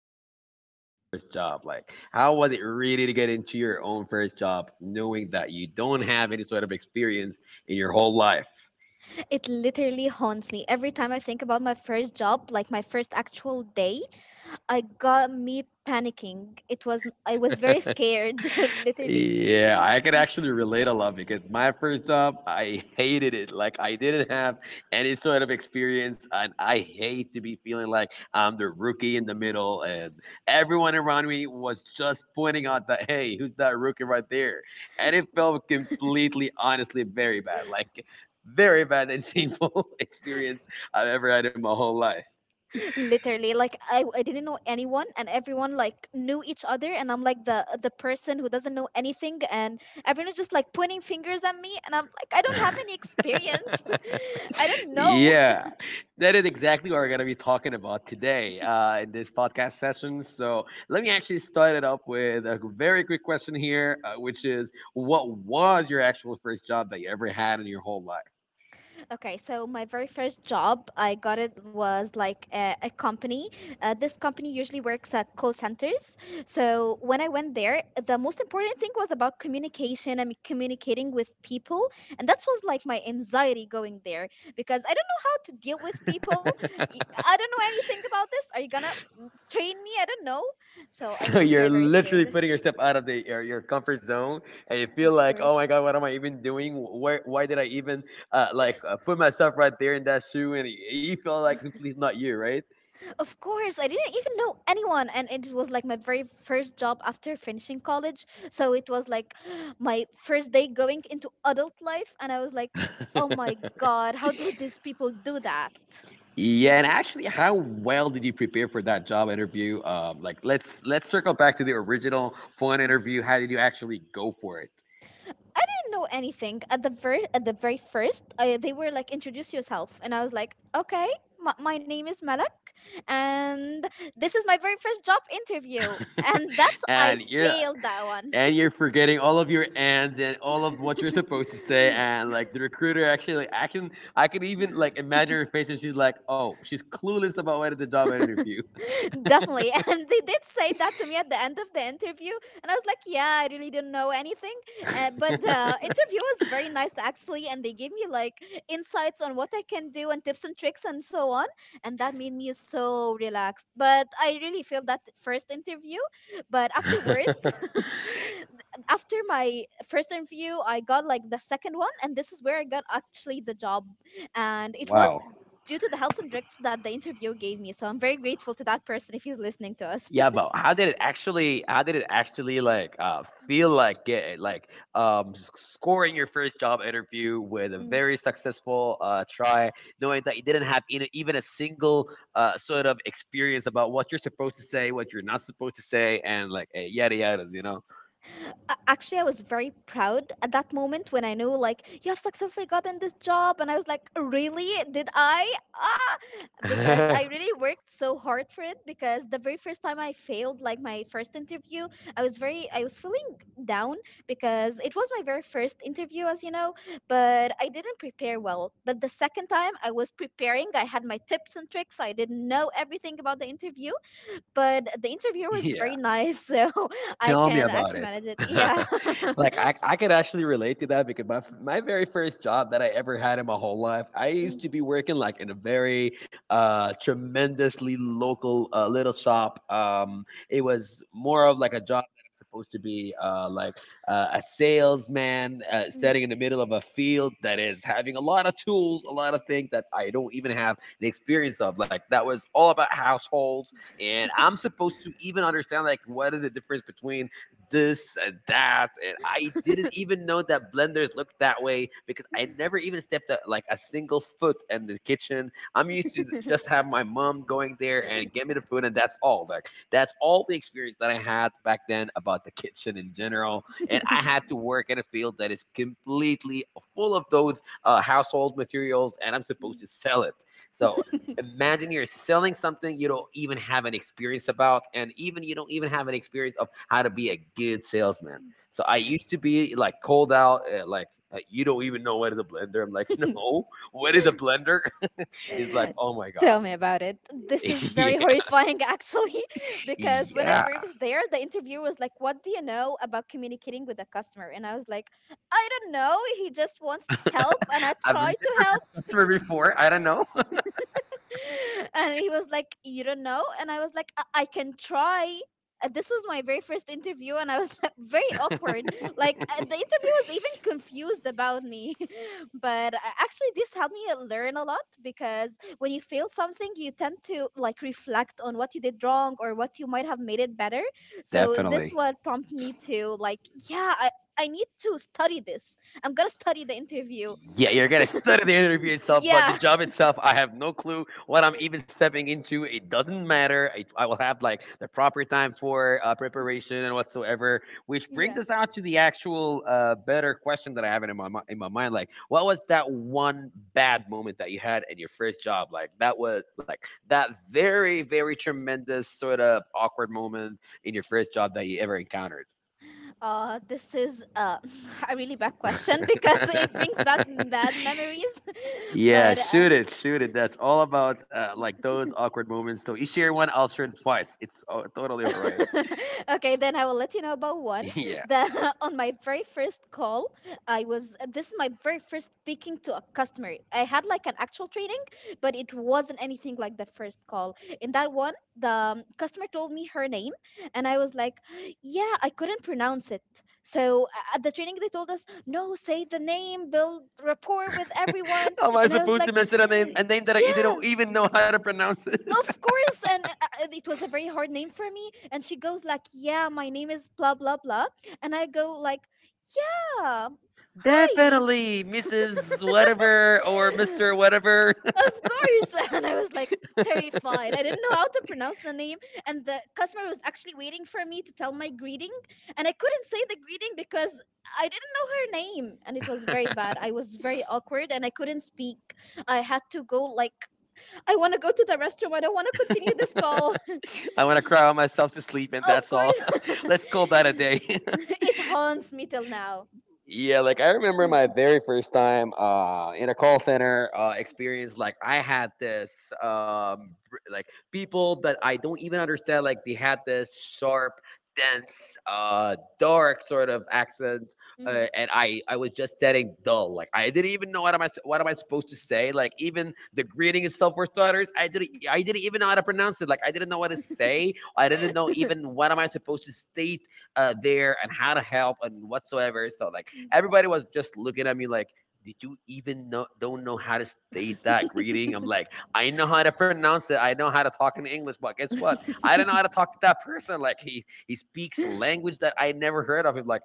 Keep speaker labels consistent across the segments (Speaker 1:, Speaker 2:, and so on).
Speaker 1: lot of thoughts about their first job? Like how was it really to get into your own first job knowing that you don't have any sort of experience in your whole life?
Speaker 2: It literally haunts me. Every time I think about my first job, like my first actual day, I got me panicking. It was I was very scared, literally.
Speaker 1: Yeah, I can actually relate a lot because my first job, I hated it. Like I didn't have any sort of experience, and I hate to be feeling like I'm the rookie in the middle, and everyone around me was just pointing out that, hey, who's that rookie right there? And it felt completely, honestly, very bad. Like very bad and shameful experience I've ever had in my whole life.
Speaker 2: Literally, like I didn't know anyone, and everyone like knew each other, and I'm like the person who doesn't know anything, and everyone's just like pointing fingers at me, and I'm like, I don't have any experience. I don't know.
Speaker 1: Yeah, that is exactly what we're going to be talking about today in this podcast session. So, let me actually start it up with a very quick question here, which is what was your actual first job that you ever had in your whole life?
Speaker 2: Okay, so my very first job I got, it was like a company. This company usually works at call centers. So when I went there, the most important thing was about communication and communicating with people, and that was like my anxiety going there because I don't know how to deal with people. Y- I don't know anything about this. Are you gonna train me? I don't know. So I
Speaker 1: So,
Speaker 2: was very
Speaker 1: you're
Speaker 2: very
Speaker 1: literally
Speaker 2: scared.
Speaker 1: putting yourself out of your comfort zone and you feel
Speaker 2: Of
Speaker 1: like, oh
Speaker 2: course.
Speaker 1: my God, what am I even doing? Where, why did I even put myself right there in that shoe? And you feel like completely not you, right?
Speaker 2: Of course, I didn't even know anyone, and it was like my very first job after finishing college. So it was like my first day going into adult life, and I was like, "Oh my God, how do these people do that?"
Speaker 1: Yeah, and actually, how well did you prepare for that job interview? Like, let's circle back to the original phone
Speaker 2: Mhm.
Speaker 1: interview. How did you actually go for it?
Speaker 2: Didn't know anything at the very first. They were like, "Introduce yourself," and I was like, "Okay, my name is Malak, and this is my very first job interview." And that's I
Speaker 1: And you're
Speaker 2: failed that one.
Speaker 1: and you're forgetting all of your ands and all of what you're supposed to say. And like the recruiter, actually, like, I can even like imagine her face, and she's like, "Oh, she's clueless about what is the job interview."
Speaker 2: Definitely. And they did say that to me at the end of the interview. And I was like, yeah, I really didn't know anything. But the interview was very nice, actually. And they gave me like insights on what I can do and tips and tricks and so on. And that made me so relaxed. But I really failed that first interview. But afterwards, after my first interview, I got like the second one. And this is where I got actually the job. And it
Speaker 1: Wow.
Speaker 2: was due to the helps and tricks that the interview gave me. So I'm very grateful to that person if he's listening to us.
Speaker 1: Yeah, but how did it actually like feel like it
Speaker 2: Mm,
Speaker 1: like scoring your first job interview with a
Speaker 2: mm,
Speaker 1: very successful try knowing that you didn't have even a single sort of experience about what you're supposed to say, what you're not supposed to say, and like yada yadas.
Speaker 2: actually, I was very proud at that moment when I knew, like, you have successfully gotten this job, and I was like, really, did I? Ah! Because I
Speaker 1: Yeah,
Speaker 2: really worked so hard for it, because the very first time I failed like my first interview, I was feeling down because it was my very first interview, as you know, but I didn't prepare well. But the second time, I was preparing, I had my tips and tricks. I didn't know everything about the interview, but the interviewer was very
Speaker 1: yeah.
Speaker 2: nice, so I
Speaker 1: Tell me
Speaker 2: can
Speaker 1: about
Speaker 2: actually
Speaker 1: it.
Speaker 2: manage it. Yeah.
Speaker 1: Like I could actually relate to that because my very first job that I ever had in my whole life, I
Speaker 2: Mm,
Speaker 1: used to be working like in a very tremendously local little shop. It was more of like a job that I'm supposed to be a salesman standing in the middle of a field that is having a lot of tools, a lot of things that I don't even have the experience of. Like that was all about households, and I'm supposed to even understand like what is the difference between this and that. And I didn't even know that blenders looked that way because I never even stepped like a single foot in the kitchen. I'm used to just have my mom going there and get me the food, and that's all. Like that's all the experience that I had back then about the kitchen in general. And I had to work in a field that is completely full of those household materials, and I'm supposed to sell it. So imagine you're selling something you don't even have an experience about, and even you don't even have an experience of how to be a good salesman. So I used to be like cold out, you don't even know what is a blender. I'm like, no, what is a blender? He's like,
Speaker 2: mm.
Speaker 1: oh my God.
Speaker 2: Tell me about it. This is
Speaker 1: Yeah,
Speaker 2: very horrifying, actually, because when I
Speaker 1: yeah.
Speaker 2: was there, the interviewer was like, "What do you know about communicating with a customer?" And I was like, "I don't know. He just wants help, and I
Speaker 1: I've never
Speaker 2: try to
Speaker 1: been
Speaker 2: help."
Speaker 1: a customer before, I don't know.
Speaker 2: And he was like, "You don't know," and I was like, "I can try." This was my very first interview, and I was like, very awkward, like the interview was even confused about me. But actually, this helped me learn a lot, because when you fail something, you tend to like reflect on what you did wrong or what you might have made it better. So this
Speaker 1: Definitely.
Speaker 2: what prompted me to like, yeah, I need to study this. I'm gonna study the interview.
Speaker 1: Yeah, you're gonna study the interview itself, but the
Speaker 2: Yeah.
Speaker 1: job itself, I have no clue what I'm even stepping into. It doesn't matter. I will have like the proper time for preparation and whatsoever. Which brings us out to the actual better question that I have in my in my mind. Like, what was that one bad moment that you had in your first job? Like that was like that very very tremendous sort of awkward moment in your first job that you ever encountered.
Speaker 2: This is a really bad question because it brings back bad memories.
Speaker 1: Yeah,
Speaker 2: But
Speaker 1: shoot it, shoot it. That's all about like those awkward moments. So you share one, I'll share it twice. It's totally all right.
Speaker 2: okay, then I will let you know about one.
Speaker 1: Yeah.
Speaker 2: The On my very first call, I was this is my very first speaking to a customer. I had like an actual training, but it wasn't anything like the first call. In that one, the customer told me her name, and I was like, "Yeah, I couldn't pronounce it." So at the training, they told us, "No, say the name, build rapport with everyone,"
Speaker 1: How am I
Speaker 2: and I was
Speaker 1: supposed
Speaker 2: like,
Speaker 1: to mention a name that I didn't
Speaker 2: "Yeah."
Speaker 1: even know how to pronounce it?
Speaker 2: Of course. And it was a very hard name for me. And she goes like, "Yeah, my name is blah blah blah," and I go like, "Yeah, hi."
Speaker 1: Definitely, Mrs. Whatever or Mr.
Speaker 2: Of
Speaker 1: Whatever.
Speaker 2: course, and I was like terrified. I didn't know how to pronounce the name, and the customer was actually waiting for me to tell my greeting, and I couldn't say the greeting because I didn't know her name, and it was very bad. I was very awkward, and I couldn't speak. I had to go like, "I want to go to the restroom. I don't want to continue this call."
Speaker 1: I want to cry on myself to sleep, and
Speaker 2: Of
Speaker 1: that's
Speaker 2: course.
Speaker 1: all. Let's call that a day.
Speaker 2: It haunts me till now.
Speaker 1: Yeah, like I remember my very first time in a call center experience. Like I had this, like people that I don't even understand. Like they had this sharp, dense, dark sort of accent,
Speaker 2: Mm.
Speaker 1: and I was just getting dull. Like I didn't even know what am I supposed to say. Like even the greeting itself for starters, I didn't even know how to pronounce it. Like I didn't know what to say. I didn't know even what am I supposed to state there, and how to help and whatsoever. So like everybody was just looking at me like, did you even know don't know how to state that greeting? I'm like, I know how to pronounce it. I know how to talk in English, but guess what? I don't know how to talk to that person. Like he speaks a language that I never heard of. Him like,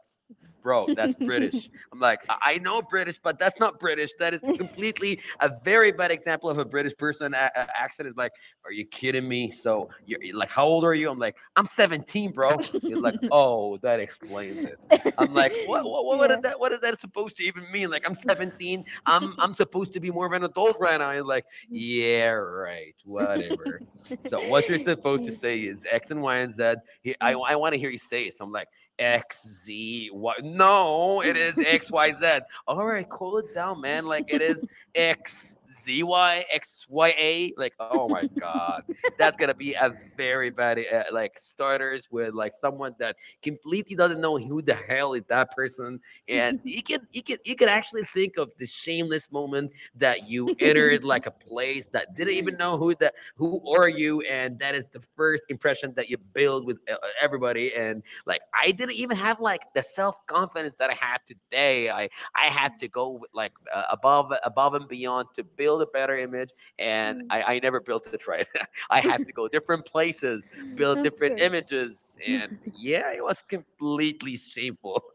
Speaker 1: bro, that's British. I'm like, I know British, but that's not British. That is completely a very bad example of a British person accent. Is like, are you kidding me? So you're like, how old are you? I'm like, I'm 17, bro. He's like, oh, that explains it. I'm like, what is
Speaker 2: Yeah.
Speaker 1: that? What is that supposed to even mean? Like, I'm 17. I'm supposed to be more of an adult right now. He's like, yeah, right, whatever. So what you're supposed to
Speaker 2: Ye-
Speaker 1: say is X and Y and Z. I
Speaker 2: mm.
Speaker 1: want to hear you say it. So I'm like, X Z Y. No, it is X Y Z. All right, cool it down, man. Like it is X Z Y X Y A. Like oh my God, that's gonna be a very bad like starters with like someone that completely doesn't know who the hell is that person, and you can actually think of the shameless moment that you entered like a place that didn't even know who that who are you, and that is the first impression that you build with everybody, and like I didn't even have like the self confidence that I had today. I had to go with, like above and beyond to build a better image, and
Speaker 2: Mm,
Speaker 1: I never built it right. I had to go different places, build
Speaker 2: of
Speaker 1: different
Speaker 2: course.
Speaker 1: images, and yeah, it was completely shameful.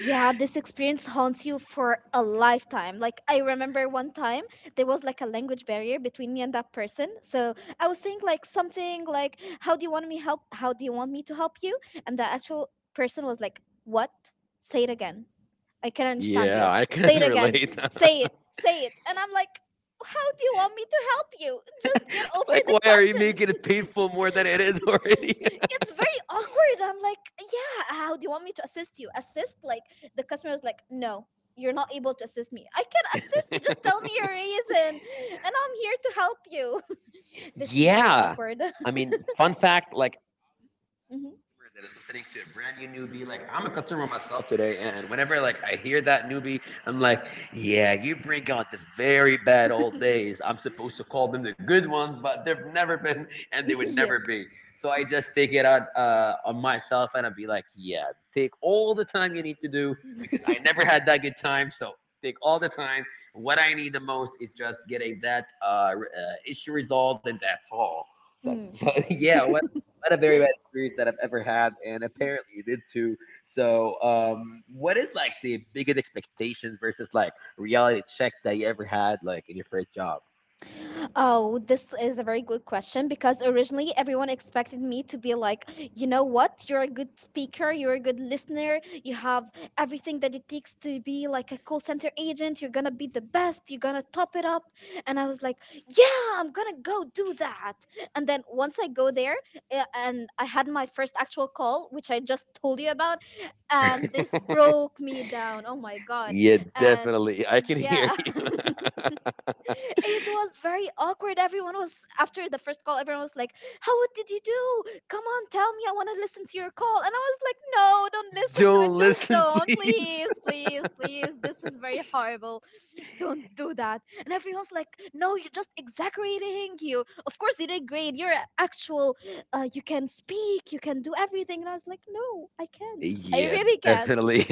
Speaker 2: Yeah, this experience haunts you for a lifetime. Like I remember one time there was like a language barrier between me and that person. So I was saying like something like, "How do you want me help? How do you want me to help you?" And the actual person was like, "What? Say it again. I can understand
Speaker 1: Yeah,
Speaker 2: you.
Speaker 1: I can
Speaker 2: Say it again.
Speaker 1: relate.
Speaker 2: Say it. Say it." And I'm like, "How do you want me to help you? Just get over
Speaker 1: Like,
Speaker 2: the
Speaker 1: why are you
Speaker 2: question."
Speaker 1: making it painful more than it is already?
Speaker 2: It's very awkward. I'm like, yeah, how do you want me to assist you? Assist? Like the customer was like, no, you're not able to assist me. I can assist you. Just tell me your reason, and I'm here to help you. This is very
Speaker 1: Yeah.
Speaker 2: awkward.
Speaker 1: I mean, fun fact, like customer that is listening to a brand new newbie, like I'm a customer myself today, and whenever like I hear that newbie, I'm like, yeah, you bring out the very bad old days. I'm supposed to call them the good ones, but they've never been and they would never be. So I just take it out on myself, and I'd be like, yeah, take all the time you need to do, because I never had that good time. So take all the time. What I need the most is just getting that issue resolved, and that's all. So,
Speaker 2: Mhm.
Speaker 1: so yeah, what had a very bad experience that I've ever had, and apparently you did too. So, what is like the biggest expectations versus like reality check that you ever had, like in your first job?
Speaker 2: Oh, this is a very good question, because originally everyone expected me to be like, you know what? You're a good speaker, you're a good listener, you have everything that it takes to be like a call center agent. You're gonna be the best, you're gonna top it up. And I was like, yeah, I'm gonna go do that. And then once I go there, and I had my first actual call, which I just told you about, and this broke me down. Oh my God.
Speaker 1: Yeah,
Speaker 2: And
Speaker 1: definitely. I can hear
Speaker 2: yeah.
Speaker 1: you.
Speaker 2: It was very awkward. Everyone was after the first call, everyone was like, "How did you do? Come on, tell me. I want to listen to your call." And I was like, "No, don't listen to
Speaker 1: Don't
Speaker 2: it. Just
Speaker 1: listen,
Speaker 2: don't.
Speaker 1: please.
Speaker 2: Please, please, please. This is very horrible. Don't do that." And everyone's like, "No, you're just exaggerating. You, of course, you did great. You're actual, you can speak, you can do everything." And I was like, "No, I can't. I
Speaker 1: Yeah,
Speaker 2: really can't."
Speaker 1: definitely.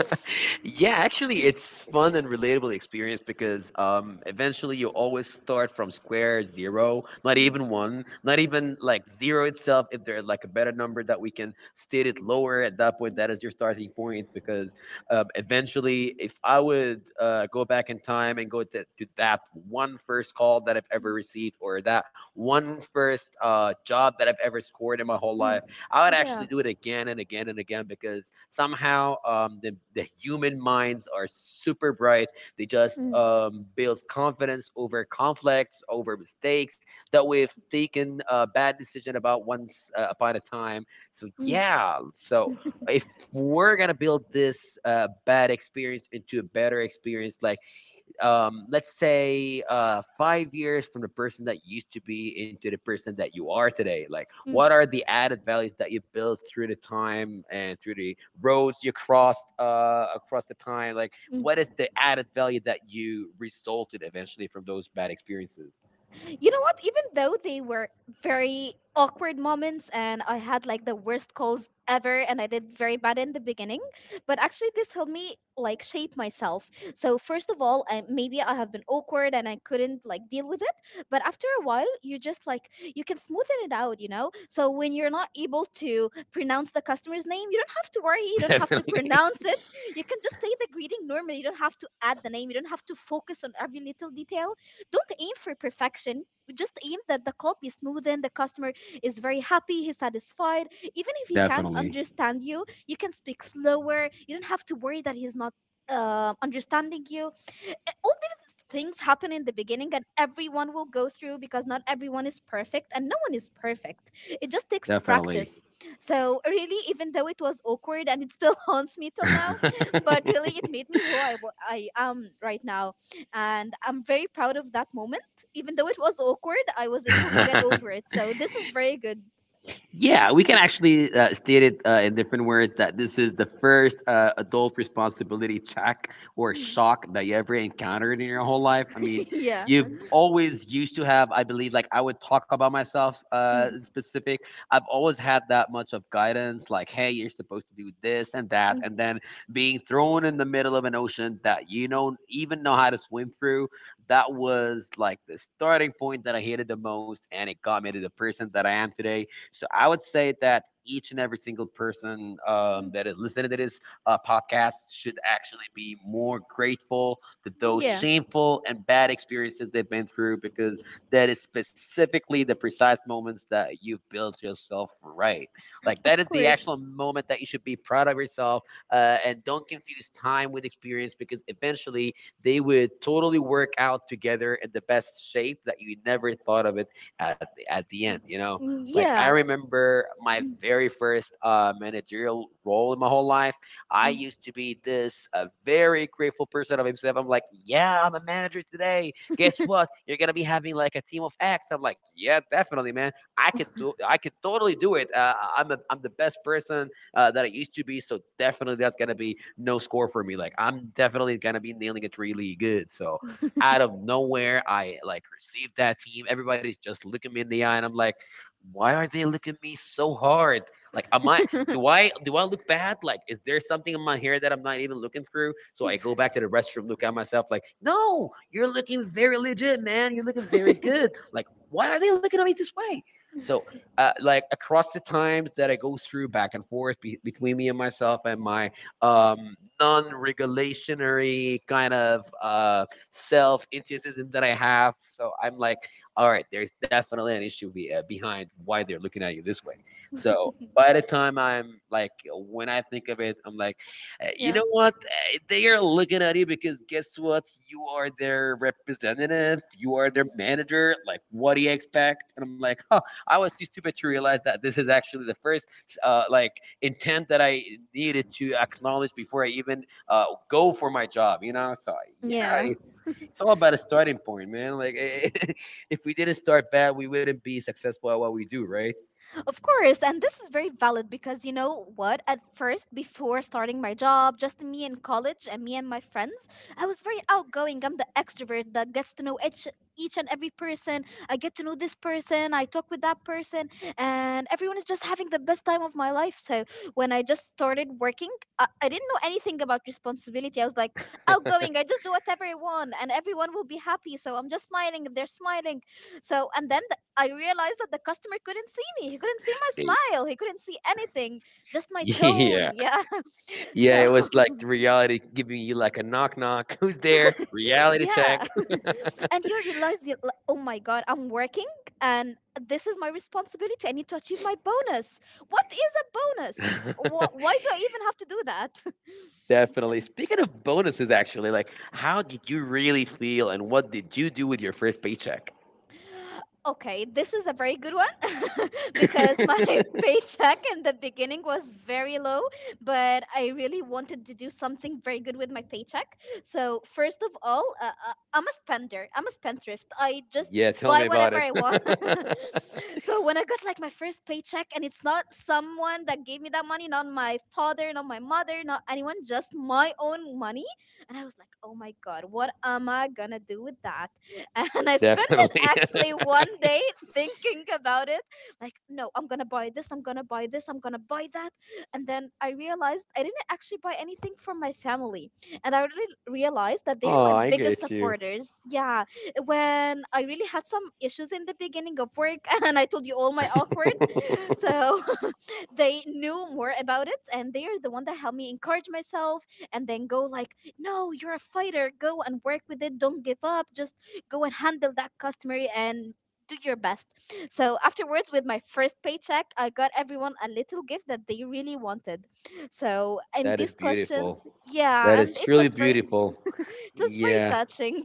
Speaker 1: Yeah, actually, it's fun and relatable experience because eventually you always start from square zero, not
Speaker 2: Mm.
Speaker 1: even one, not even like zero itself. If there's like a better number that we can state it lower at that point, that is your starting point. Because eventually, if I would go back in time and go to that one first call that I've ever
Speaker 2: 嗯
Speaker 1: received or that one first job that I've ever scored in my whole
Speaker 2: 嗯，
Speaker 1: life, I would
Speaker 2: 对
Speaker 1: actually
Speaker 2: 啊，
Speaker 1: do it again and again and again because somehow the human minds are super bright. They just
Speaker 2: 嗯
Speaker 1: builds confidence over conflicts, over mistakes that we've taken a bad decision about once upon a time. So
Speaker 2: 嗯
Speaker 1: yeah, so if we're gonna build this bad experience into a better experience, like let's say 5 years from the person that you used to be into the person that you are today, like what
Speaker 2: 嗯
Speaker 1: are the added values that you built through the time and through the roads you crossed across the time? Like what
Speaker 2: 嗯。
Speaker 1: is the added value that you resulted eventually from those bad experiences?
Speaker 2: You know what? Even though they were very awkward moments, and I had like the worst calls ever, and I did very bad in the beginning, but actually this helped me like shape myself. So first of all, maybe I have been awkward and I couldn't like deal with it, but after a while you just like you can smoothen it out, you know? So when you're not able to pronounce the customer's name, you don't have to worry, you don't have to
Speaker 1: Definitely.
Speaker 2: pronounce it. You can just say the greeting normally. You don't have to add the name. You don't have to focus on every little detail. Don't aim for perfection. Just aim that the call be smooth and the customer is very happy, he's satisfied. Even if he can't
Speaker 1: Definitely.
Speaker 2: understand you, you can speak slower. You don't have to worry that he's not understanding you. All these things happen in the beginning, and everyone will go through, because not everyone is perfect and no one is perfect. It just takes
Speaker 1: Definitely.
Speaker 2: practice. So really, even though it was awkward and it still haunts me till now, but really it made me who I am right now, and I'm very proud of that moment. Even though it was awkward, I was able to get over it. So this is very good.
Speaker 1: Yeah, we can actually state it in different words that this is the first adult responsibility check or
Speaker 2: Mm.
Speaker 1: shock that you ever encountered in your whole life. I mean,
Speaker 2: Yeah.
Speaker 1: you've always used to have, I believe, like I would talk about myself
Speaker 2: Mm.
Speaker 1: in specific. I've always had that much of guidance, like, hey, you're supposed to do this and that.
Speaker 2: Mm.
Speaker 1: And then being thrown in the middle of an ocean that you don't even know how to swim through, that was like the starting point that I hated the most. And it got me to the person that I am today. So I would say that each and every single person
Speaker 2: Mm.
Speaker 1: that is listening to this podcast should actually be more grateful that those
Speaker 2: Yeah.
Speaker 1: shameful and bad experiences they've been through, because that is specifically the precise moments that you've built yourself, right. Like that
Speaker 2: Of
Speaker 1: is the
Speaker 2: course.
Speaker 1: actual moment that you should be proud of yourself, and don't confuse time with experience, because eventually they would totally work out together in the best shape that you never thought of it at the end,
Speaker 2: Mm.
Speaker 1: you know?
Speaker 2: Mm.
Speaker 1: Like I
Speaker 2: Yeah.
Speaker 1: remember my
Speaker 2: Mm.
Speaker 1: very first managerial role in my whole life. I
Speaker 2: Mm.
Speaker 1: used to be this very grateful person of himself. I'm like, yeah, I'm a manager today. Guess what? You're gonna be having like a team of X. I'm like, yeah, definitely, man. I could do. I could totally do it. I'm the best person that I used to be. So definitely, that's gonna be no score for me. Like I'm definitely gonna be nailing it really good. So out of nowhere, I like received that team. Everybody's just looking me in the eye, and I'm like, why are they looking at me so hard? Like, am I? Do I? Do I look bad? Like, is there something in my hair that I'm not even looking through? So I go back to the restroom, look at myself, like, no, you're looking very legit, man. You're looking very good. Like, why are they looking at me this way? So, like, across the times that I go through back and forth between me and myself and my non-regulationary kind of self-enthusiasm that I have, so I'm like, all right, there's definitely an issue behind why they're looking at you this way. So by the time I'm like, when I think of it, I'm like, you
Speaker 2: Yeah.
Speaker 1: know what? They are looking at you because guess what? You are their representative. You are their
Speaker 2: Mm.
Speaker 1: manager. Like, what do you expect?" And I'm like, huh, I was too stupid to realize that this is actually the first like intent that I needed to acknowledge before I even go for my job. You know, so yeah,
Speaker 2: Yeah.
Speaker 1: it's it's all about a starting point, man. Like if we didn't start bad, we wouldn't be successful at what we do, right?
Speaker 2: Of course, and this is very valid, because you know what? At first, before starting my job, just me in college and me and my friends, I was very outgoing. I'm the extrovert that gets to know each and every person. I get to know this person, I talk with that person, and everyone is just having the best time of my life. So when I just started working, I didn't know anything about responsibility. I was like outgoing. I just do whatever I want, and everyone will be happy. So I'm just smiling, they're smiling. So and then I realized that the customer couldn't see me. He couldn't see my
Speaker 1: They-
Speaker 2: smile. He couldn't see anything, just my tone.
Speaker 1: Yeah.
Speaker 2: Yeah.
Speaker 1: Yeah,
Speaker 2: So,
Speaker 1: it was like the reality giving you like a knock knock. Who's there? Reality check.
Speaker 2: yeah. And you realize, like, oh my God, I'm working and this is my responsibility. I need to achieve my bonus. What is a bonus? Why do I even have to do that?
Speaker 1: Definitely.
Speaker 2: And
Speaker 1: Speaking of bonuses actually, like how did you really feel and what did you do with your first paycheck?
Speaker 2: Okay, this is a very good one because my paycheck in the beginning was very low, but I really wanted to do something very good with my paycheck. So, first of all, I'm a spender, I'm a spendthrift. I just
Speaker 1: Yeah, tell
Speaker 2: buy
Speaker 1: me about
Speaker 2: whatever
Speaker 1: it.
Speaker 2: I want. So, when I got like my first paycheck, and it's not someone that gave me that money, not my father, not my mother, not anyone, just my own money. And I was like, oh my God, what am I gonna do with that? And I spent
Speaker 1: Definitely.
Speaker 2: actually 1 day thinking about it, like, no, I'm gonna buy this, I'm gonna buy this, I'm gonna buy that. And then I realized I didn't actually buy anything for my family. And I really realized that they're
Speaker 1: Oh,
Speaker 2: my
Speaker 1: I
Speaker 2: biggest
Speaker 1: get you.
Speaker 2: supporters. Yeah. When I really had some issues in the beginning of work and I told you all my awkward, so they knew more about it, and they are the one that helped me encourage myself and then go, like, no, you're a fighter, go and work with it, don't give up, just go and handle that customer and do your best. So afterwards, with my first paycheck, I got everyone a little gift that they really wanted. So and
Speaker 1: That is
Speaker 2: these
Speaker 1: beautiful.
Speaker 2: questions,
Speaker 1: That
Speaker 2: yeah,
Speaker 1: is
Speaker 2: and it
Speaker 1: truly
Speaker 2: was very
Speaker 1: beautiful.
Speaker 2: it was very
Speaker 1: Yeah.
Speaker 2: touching.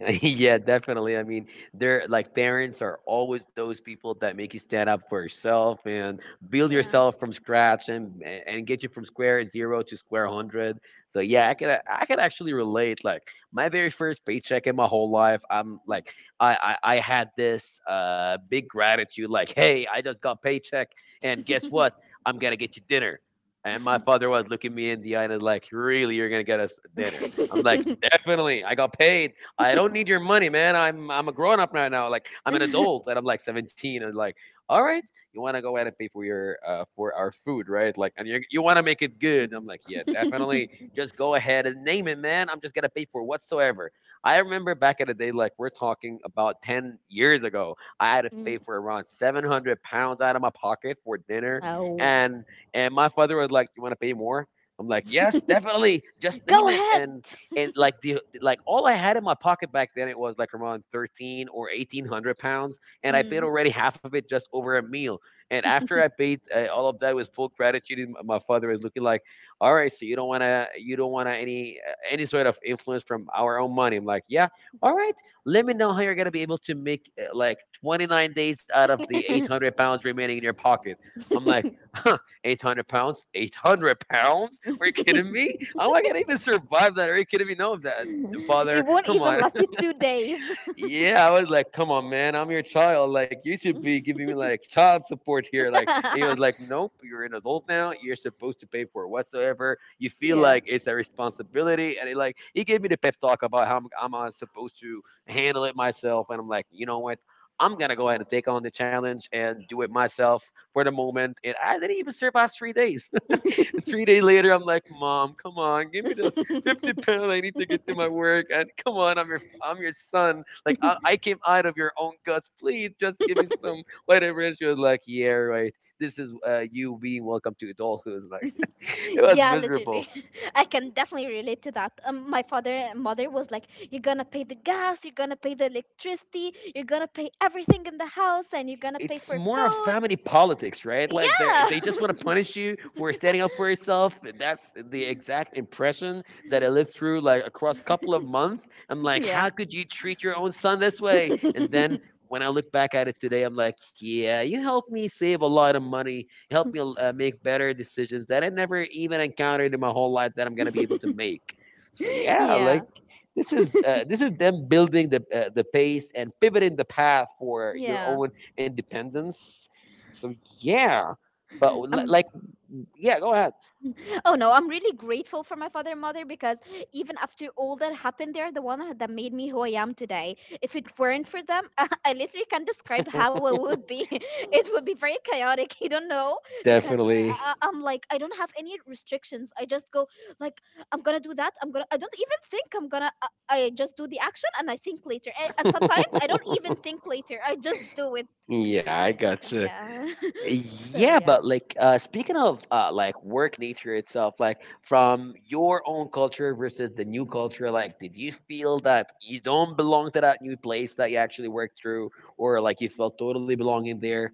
Speaker 1: Yeah, definitely. I mean, they're like parents are always those people that make you stand up for yourself and build
Speaker 2: Yeah.
Speaker 1: yourself from scratch and and get you from square zero to square hundred. So yeah, I can actually relate. Like my very first paycheck in my whole life, I'm like I had this big gratitude. Like hey, I just got paycheck, and guess what? I'm gonna get you dinner. And my father was looking me in the eye and like, really, you're gonna get us dinner? I'm like, definitely. I got paid. I don't need your money, man. I'm a grown up right now. Like I'm an adult and I'm like 17 and like, all right, you want to go ahead and pay for your for our food, right? Like, and you want to make it good. I'm like, yeah, definitely. Just go ahead and name it, man. I'm just gonna pay for whatsoever. I remember back in the day, like we're talking about 10 years ago, I had to pay
Speaker 2: Mm.
Speaker 1: for around 700 pounds out of my pocket for dinner,
Speaker 2: Oh.
Speaker 1: and my father was like, you want to pay more? I'm like, yes, definitely. Just name
Speaker 2: Go
Speaker 1: it
Speaker 2: ahead.
Speaker 1: And like all I had in my pocket back then, it was like around thirteen or eighteen hundred pounds, and I paid
Speaker 2: Mm.
Speaker 1: already half of it just over a meal. And after I paid all of that with full gratitude, and my father is looking like, "All right, so you don't wanna any sort of influence from our own money." I'm like, "Yeah, all right. Let me know how you're gonna be able to make like 29 days out of the 800 pounds remaining in your pocket." I'm like. 800 pounds? 800 pounds? Are you kidding me? How am I going to even survive that? Are you kidding me? No, that, father,
Speaker 2: It won't
Speaker 1: come
Speaker 2: even
Speaker 1: on.
Speaker 2: last you 2 days.
Speaker 1: Yeah, I was like, come on, man, I'm your child. Like, you should be giving me like child support here. Like, and he was like, nope, you're an adult now. You're supposed to pay for it whatsoever. You feel
Speaker 2: Yeah.
Speaker 1: like it's a responsibility. And he gave me the pep talk about how I'm supposed to handle it myself. And I'm like, you know what? I'm gonna go ahead and take on the challenge and do it myself for the moment. And I didn't even survive 3 days. 3 days later, I'm like, Mom, come on, give me this 50 pound. I need to get to my work. And come on, I'm your son. Like, I came out of your own guts. Please just give me some whatever. And she was like, yeah, right. This is you being welcome to adulthood. Like, it was
Speaker 2: Yeah, literally.
Speaker 1: miserable.
Speaker 2: I can definitely relate to that. My father and mother was like, "You're gonna pay the gas, you're gonna pay the electricity, you're gonna pay everything in the house, and you're gonna pay
Speaker 1: It's
Speaker 2: for
Speaker 1: more of
Speaker 2: food."
Speaker 1: family politics, right? Like
Speaker 2: Yeah.
Speaker 1: they just want to punish you for standing up for yourself. That's the exact impression that I lived through like across couple of months. I'm like,
Speaker 2: Yeah.
Speaker 1: how could you treat your own son this way? And then when I look back at it today, I'm like, yeah, you helped me save a lot of money, helped me make better decisions that I never even encountered in my whole life that I'm gonna be able to make. So yeah,
Speaker 2: Yeah.
Speaker 1: like this is them building the pace and pivoting the path for your
Speaker 2: Yeah.
Speaker 1: own independence. So yeah, but
Speaker 2: Um.
Speaker 1: like yeah, go ahead.
Speaker 2: Oh no, I'm really grateful for my father and mother because even after all that happened, they're the one that made me who I am today. If it weren't for them, I literally can't describe how it would be. It would be very chaotic, you don't know? Because
Speaker 1: Definitely.
Speaker 2: I'm like, I don't have any restrictions. I just go, like, I'm gonna do that. I'm gonna, I don't even think I'm gonna, I just do the action and I think later. And sometimes I don't even think later, I just do it.
Speaker 1: Yeah, I gotcha.
Speaker 2: Yeah. So,
Speaker 1: Yeah,
Speaker 2: yeah.
Speaker 1: but like speaking of like work nature itself, like from your own culture versus the new culture, like did you feel that you don't belong to that new place that you actually worked through, or like you felt totally belonging there?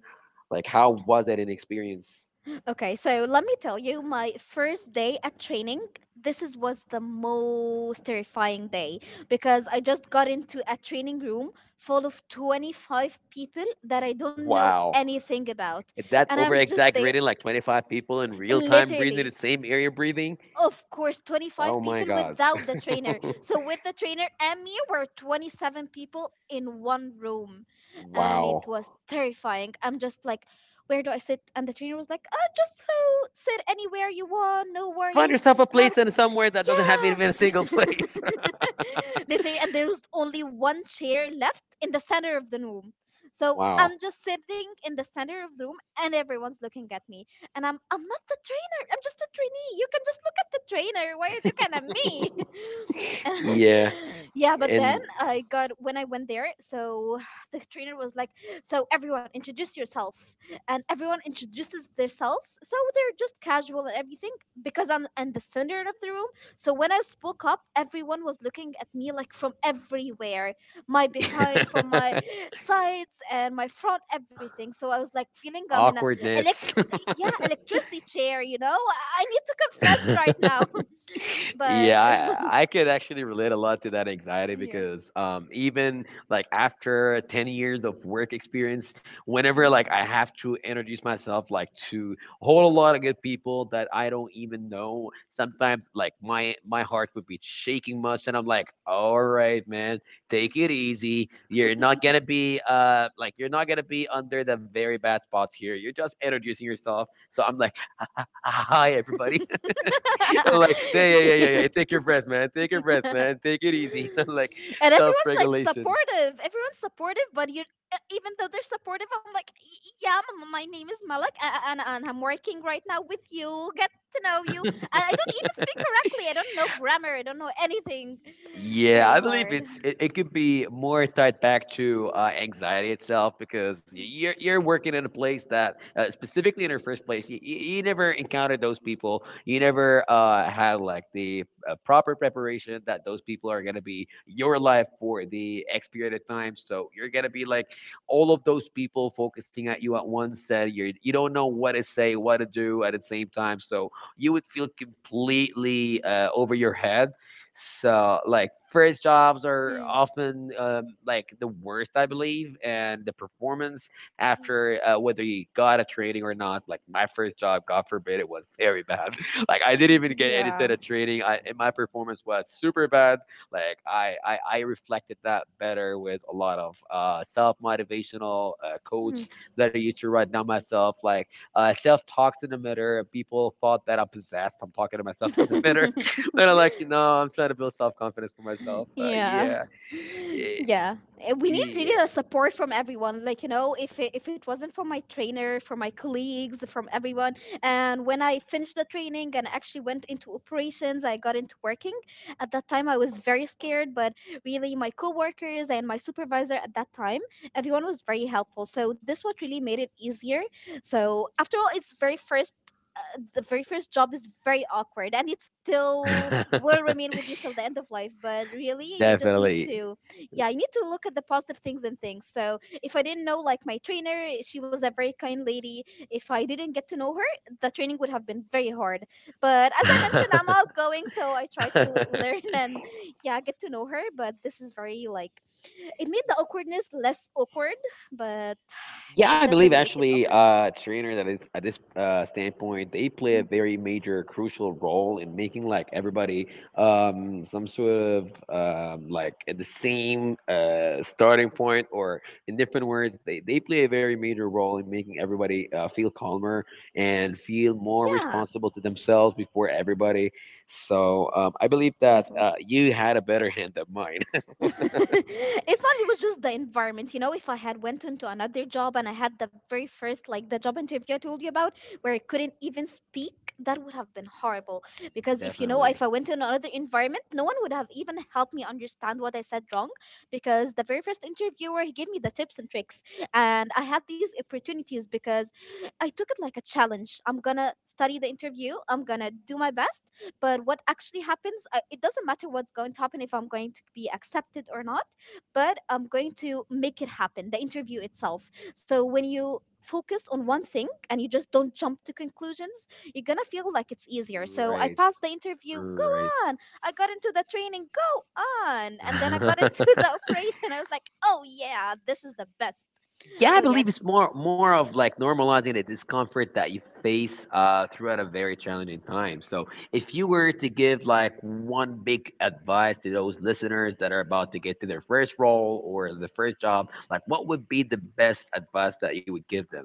Speaker 1: Like how was it an experience?
Speaker 2: Okay, so let me tell you, my first day at training, this is was the most terrifying day because I just got into a training room full of 25 people that I don't know
Speaker 1: Wow.
Speaker 2: anything about.
Speaker 1: That
Speaker 2: And
Speaker 1: over
Speaker 2: I'm just there
Speaker 1: exaggerating like 25 people in real time breathing the
Speaker 2: literally.
Speaker 1: same area breathing.
Speaker 2: Of course, 25
Speaker 1: Oh my
Speaker 2: people
Speaker 1: god.
Speaker 2: without the trainer. So with the trainer and me, were 27 people in one room. And it was
Speaker 1: Wow.
Speaker 2: terrifying. I'm just like, where do I sit? And the trainer was like, oh, just sit anywhere you want, no
Speaker 1: Find
Speaker 2: worries.
Speaker 1: yourself a
Speaker 2: And I'm
Speaker 1: place
Speaker 2: like,
Speaker 1: and somewhere that doesn't have even a single
Speaker 2: yeah.
Speaker 1: place.
Speaker 2: Literally, and there was only one chair left in the center of the room. So I'm
Speaker 1: Wow.
Speaker 2: just sitting in the center of the room and everyone's looking at me, and I'm not the trainer. I'm just a trainee. You can just look at the trainer. Why are you looking at me? And
Speaker 1: Yeah
Speaker 2: yeah, but then
Speaker 1: and
Speaker 2: I got when I went there, so the trainer was like, "So everyone introduce yourself." And everyone introduces themselves. So they're just casual and everything because I'm in the center of the room. So when I spoke up, everyone was looking at me like from everywhere. My behind, from my sides and my front, everything. So I was like feeling I'm in a elect
Speaker 1: awkwardness.
Speaker 2: yeah, electricity chair, you know? I need to confess right now. But
Speaker 1: Yeah, I could actually relate a lot to that anxiety,
Speaker 2: yeah.
Speaker 1: because even like after 10 years of work experience,
Speaker 2: Mm.
Speaker 1: whenever like I have to introduce myself like to a whole lot of good people that I don't even know, sometimes like my heart would be shaking much, and I'm like, all right, man, take it easy. You're not gonna be you're not gonna be under the very bad spots here. You're just introducing yourself, so I'm like, hi everybody. I'm like, yeah, yeah, yeah, yeah, yeah. Take your breath, man. Take your breath, man. Take it easy. I'm like,
Speaker 2: And
Speaker 1: self
Speaker 2: everyone's like
Speaker 1: regulation.
Speaker 2: supportive. Everyone's supportive, but you even though they're supportive, I'm like, Yeah, my name is Malak, and I'm working right now with you. Get to know you. And I don't even speak correctly. I don't know grammar. I don't know anything.
Speaker 1: Yeah,
Speaker 2: Very
Speaker 1: I believe
Speaker 2: hard.
Speaker 1: it could be more tied back to anxiety itself because
Speaker 2: Mm.
Speaker 1: you're working in a place that specifically in your first place you never encountered those people. You never had like the proper preparation that those people are gonna be your life for the X period of time, so you're gonna be like all of those people focusing at you at once, and you don't know what to say, what to do at the same time. So you would feel completely over your head. So, like, first jobs are
Speaker 2: Mm.
Speaker 1: often like the worst, I believe, and the performance
Speaker 2: Mm.
Speaker 1: after whether you got a training or not. Like, my first job, God forbid, it was very bad. Like, I didn't even get any
Speaker 2: Yeah.
Speaker 1: sort of training. I and my performance was super bad. Like, I reflected that better with a lot of self motivational quotes that I used to write down myself, like self talks in the mirror. People thought that I'm possessed. I'm talking to myself in the mirror, but I'm like, I'm trying to build self confidence for myself. But
Speaker 2: Yeah.
Speaker 1: yeah, yeah,
Speaker 2: Yeah. Eh, we need
Speaker 1: yeah.
Speaker 2: really the support from everyone. Like, you know, if it wasn't for my trainer, for my colleagues, from everyone. And when I finished the training and actually went into operations, I got into working. At that time, I was very scared, but really, my coworkers and my supervisor at that time, everyone was very helpful. So, this what really made it easier. So, after all, it's very first the very first job is very awkward and it still will remain with you till the end of life, but really you just need
Speaker 1: Definitely.
Speaker 2: to yeah, you need to look at the positive things and things. So if I didn't know, like, my trainer, she was a very kind lady. If I didn't get to know her, the training would have been very hard. But as I mentioned, I'm outgoing, so I try to learn and yeah, get to know her, but this is very like, it made the awkwardness less awkward, but it
Speaker 1: Yeah, I
Speaker 2: doesn't
Speaker 1: believe
Speaker 2: make it
Speaker 1: actually,
Speaker 2: awkward.
Speaker 1: trainer that is at this standpoint, they play a
Speaker 2: Mm,
Speaker 1: very major, crucial role in making like everybody some sort of like at the same starting point, or in different words, they play a very major role in making everybody feel calmer and feel more
Speaker 2: yeah,
Speaker 1: responsible to themselves before everybody. So I believe that
Speaker 2: definitely.
Speaker 1: you had a better hand than mine.
Speaker 2: It's not, it was just the environment, you know? If I had went into another job and I had the very first, like, the job interview I told you about, where I couldn't even speak, that would have been horrible, because if, you know,
Speaker 1: Definitely.
Speaker 2: if I went to another environment, no one would have even helped me understand what I said wrong, because the very first interviewer, he gave me the tips and tricks. And I had these opportunities because I took it like a challenge. I'm gonna study the interview, I'm gonna do my best. But what actually happens, it doesn't matter what's going to happen, if I'm going to be accepted or not, but I'm going to make it happen, the interview itself. So when you focus on one thing and you just don't jump to conclusions, you're going to feel like it's easier. So I
Speaker 1: Right.
Speaker 2: passed the interview, go
Speaker 1: Right.
Speaker 2: on. I got into the training, go on. And then I got into the operation. I was like, oh, yeah, this is the best.
Speaker 1: Yeah,
Speaker 2: So
Speaker 1: I
Speaker 2: yeah,
Speaker 1: believe it's more of like normalizing the discomfort that you face throughout a very challenging time. So, if you were to give like one big advice to those listeners that are about to get to their first role or the first job, like what would be the best advice that you would give them?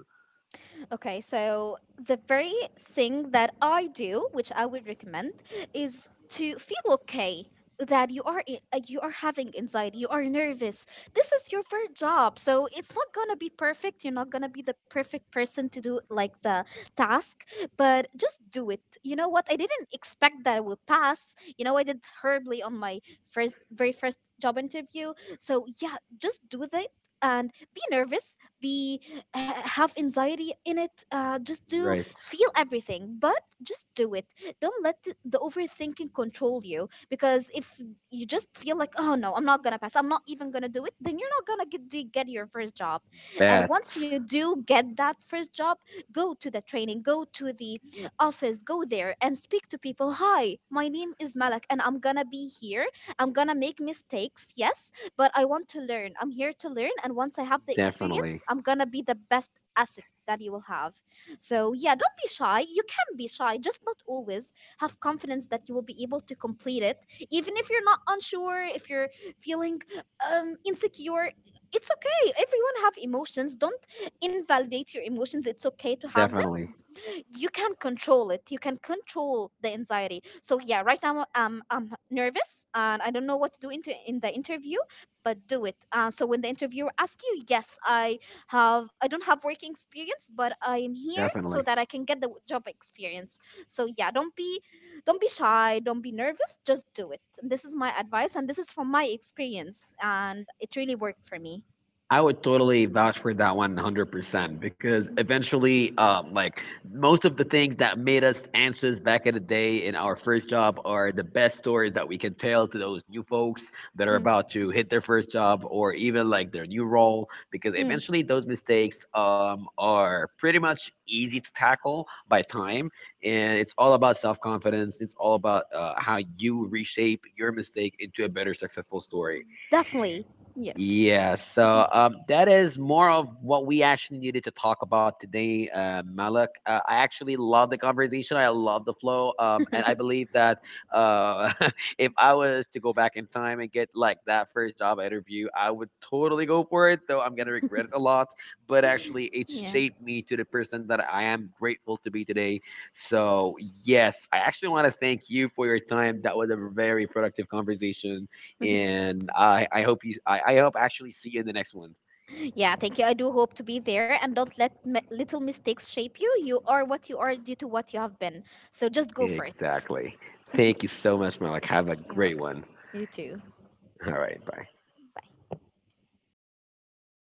Speaker 2: okay, so the very thing that I do, which I would recommend, is to feel okay that you are having anxiety, you are nervous. This is your first job, so it's not gonna be perfect, you're not gonna be the perfect person to do like the task, but just do it. You know what, I didn't expect that I would pass. You know, I did horribly on my first very first job interview. So yeah, just do that and be nervous, be have anxiety in it, just do
Speaker 1: Right,
Speaker 2: feel everything, but just do it. Don't let the overthinking control you, because if you just feel like oh no, I'm not gonna pass, I'm not even gonna do it, then you're not gonna get, get your first job. And once you
Speaker 1: bet,
Speaker 2: do get that first job, go to the training, go to the office, go there and speak to people. Hi, my name is Malak and I'm gonna be here. I'm gonna make mistakes, yes, but I want to learn. I'm here to learn. And once I have the
Speaker 1: definitely,
Speaker 2: experience, I'm going to be the best asset that you will have. So, yeah, don't be shy. You can be shy, just not always. Have confidence that you will be able to complete it. Even if you're not unsure, if you're feeling insecure, it's okay. Everyone have emotions. Don't invalidate your emotions. It's okay to have
Speaker 1: definitely,
Speaker 2: you can control it, you can control the anxiety. So yeah, right now I'm nervous and I don't know what to do into in the interview, but do it. So when the interviewer asks you, yes, I don't have working experience, but I am here so
Speaker 1: definitely.
Speaker 2: that I can get the job experience. So yeah, don't be shy, don't be nervous, just do it. This is my advice and this is from my experience, and it really worked for me.
Speaker 1: I would totally vouch for that 100% because
Speaker 2: Mm.
Speaker 1: eventually, like most of the things that made us anxious back in the day in our first job are the best stories that we can tell to those new folks that are
Speaker 2: Mm.
Speaker 1: about to hit their first job or even like their new role. Because
Speaker 2: Mm.
Speaker 1: eventually, those mistakes are pretty much easy to tackle by time, and it's all about self confidence. It's all about how you reshape your mistake into a better successful story.
Speaker 2: Definitely. Yes.
Speaker 1: Yeah, so that is more of what we actually needed to talk about today, Malik. I actually love the conversation. I love the flow, and I believe that uh, if I was to go back in time and get like that first job interview, I would totally go for it. Though I'm gonna regret it a lot, but actually, it
Speaker 2: Yeah.
Speaker 1: shaped me to the person that I am grateful to be today. So yes, I actually want to thank you for your time. That was a very productive conversation, and I hope I hope I actually see you in the next one.
Speaker 2: Yeah, thank you. I do hope to be there. And don't let little mistakes shape you. You are what you are due to what you have been. So just go for it.
Speaker 1: Exactly. Thank you so much, Malik. Have a
Speaker 2: You're
Speaker 1: great
Speaker 2: welcome.
Speaker 1: one.
Speaker 2: You too.
Speaker 1: All right, bye.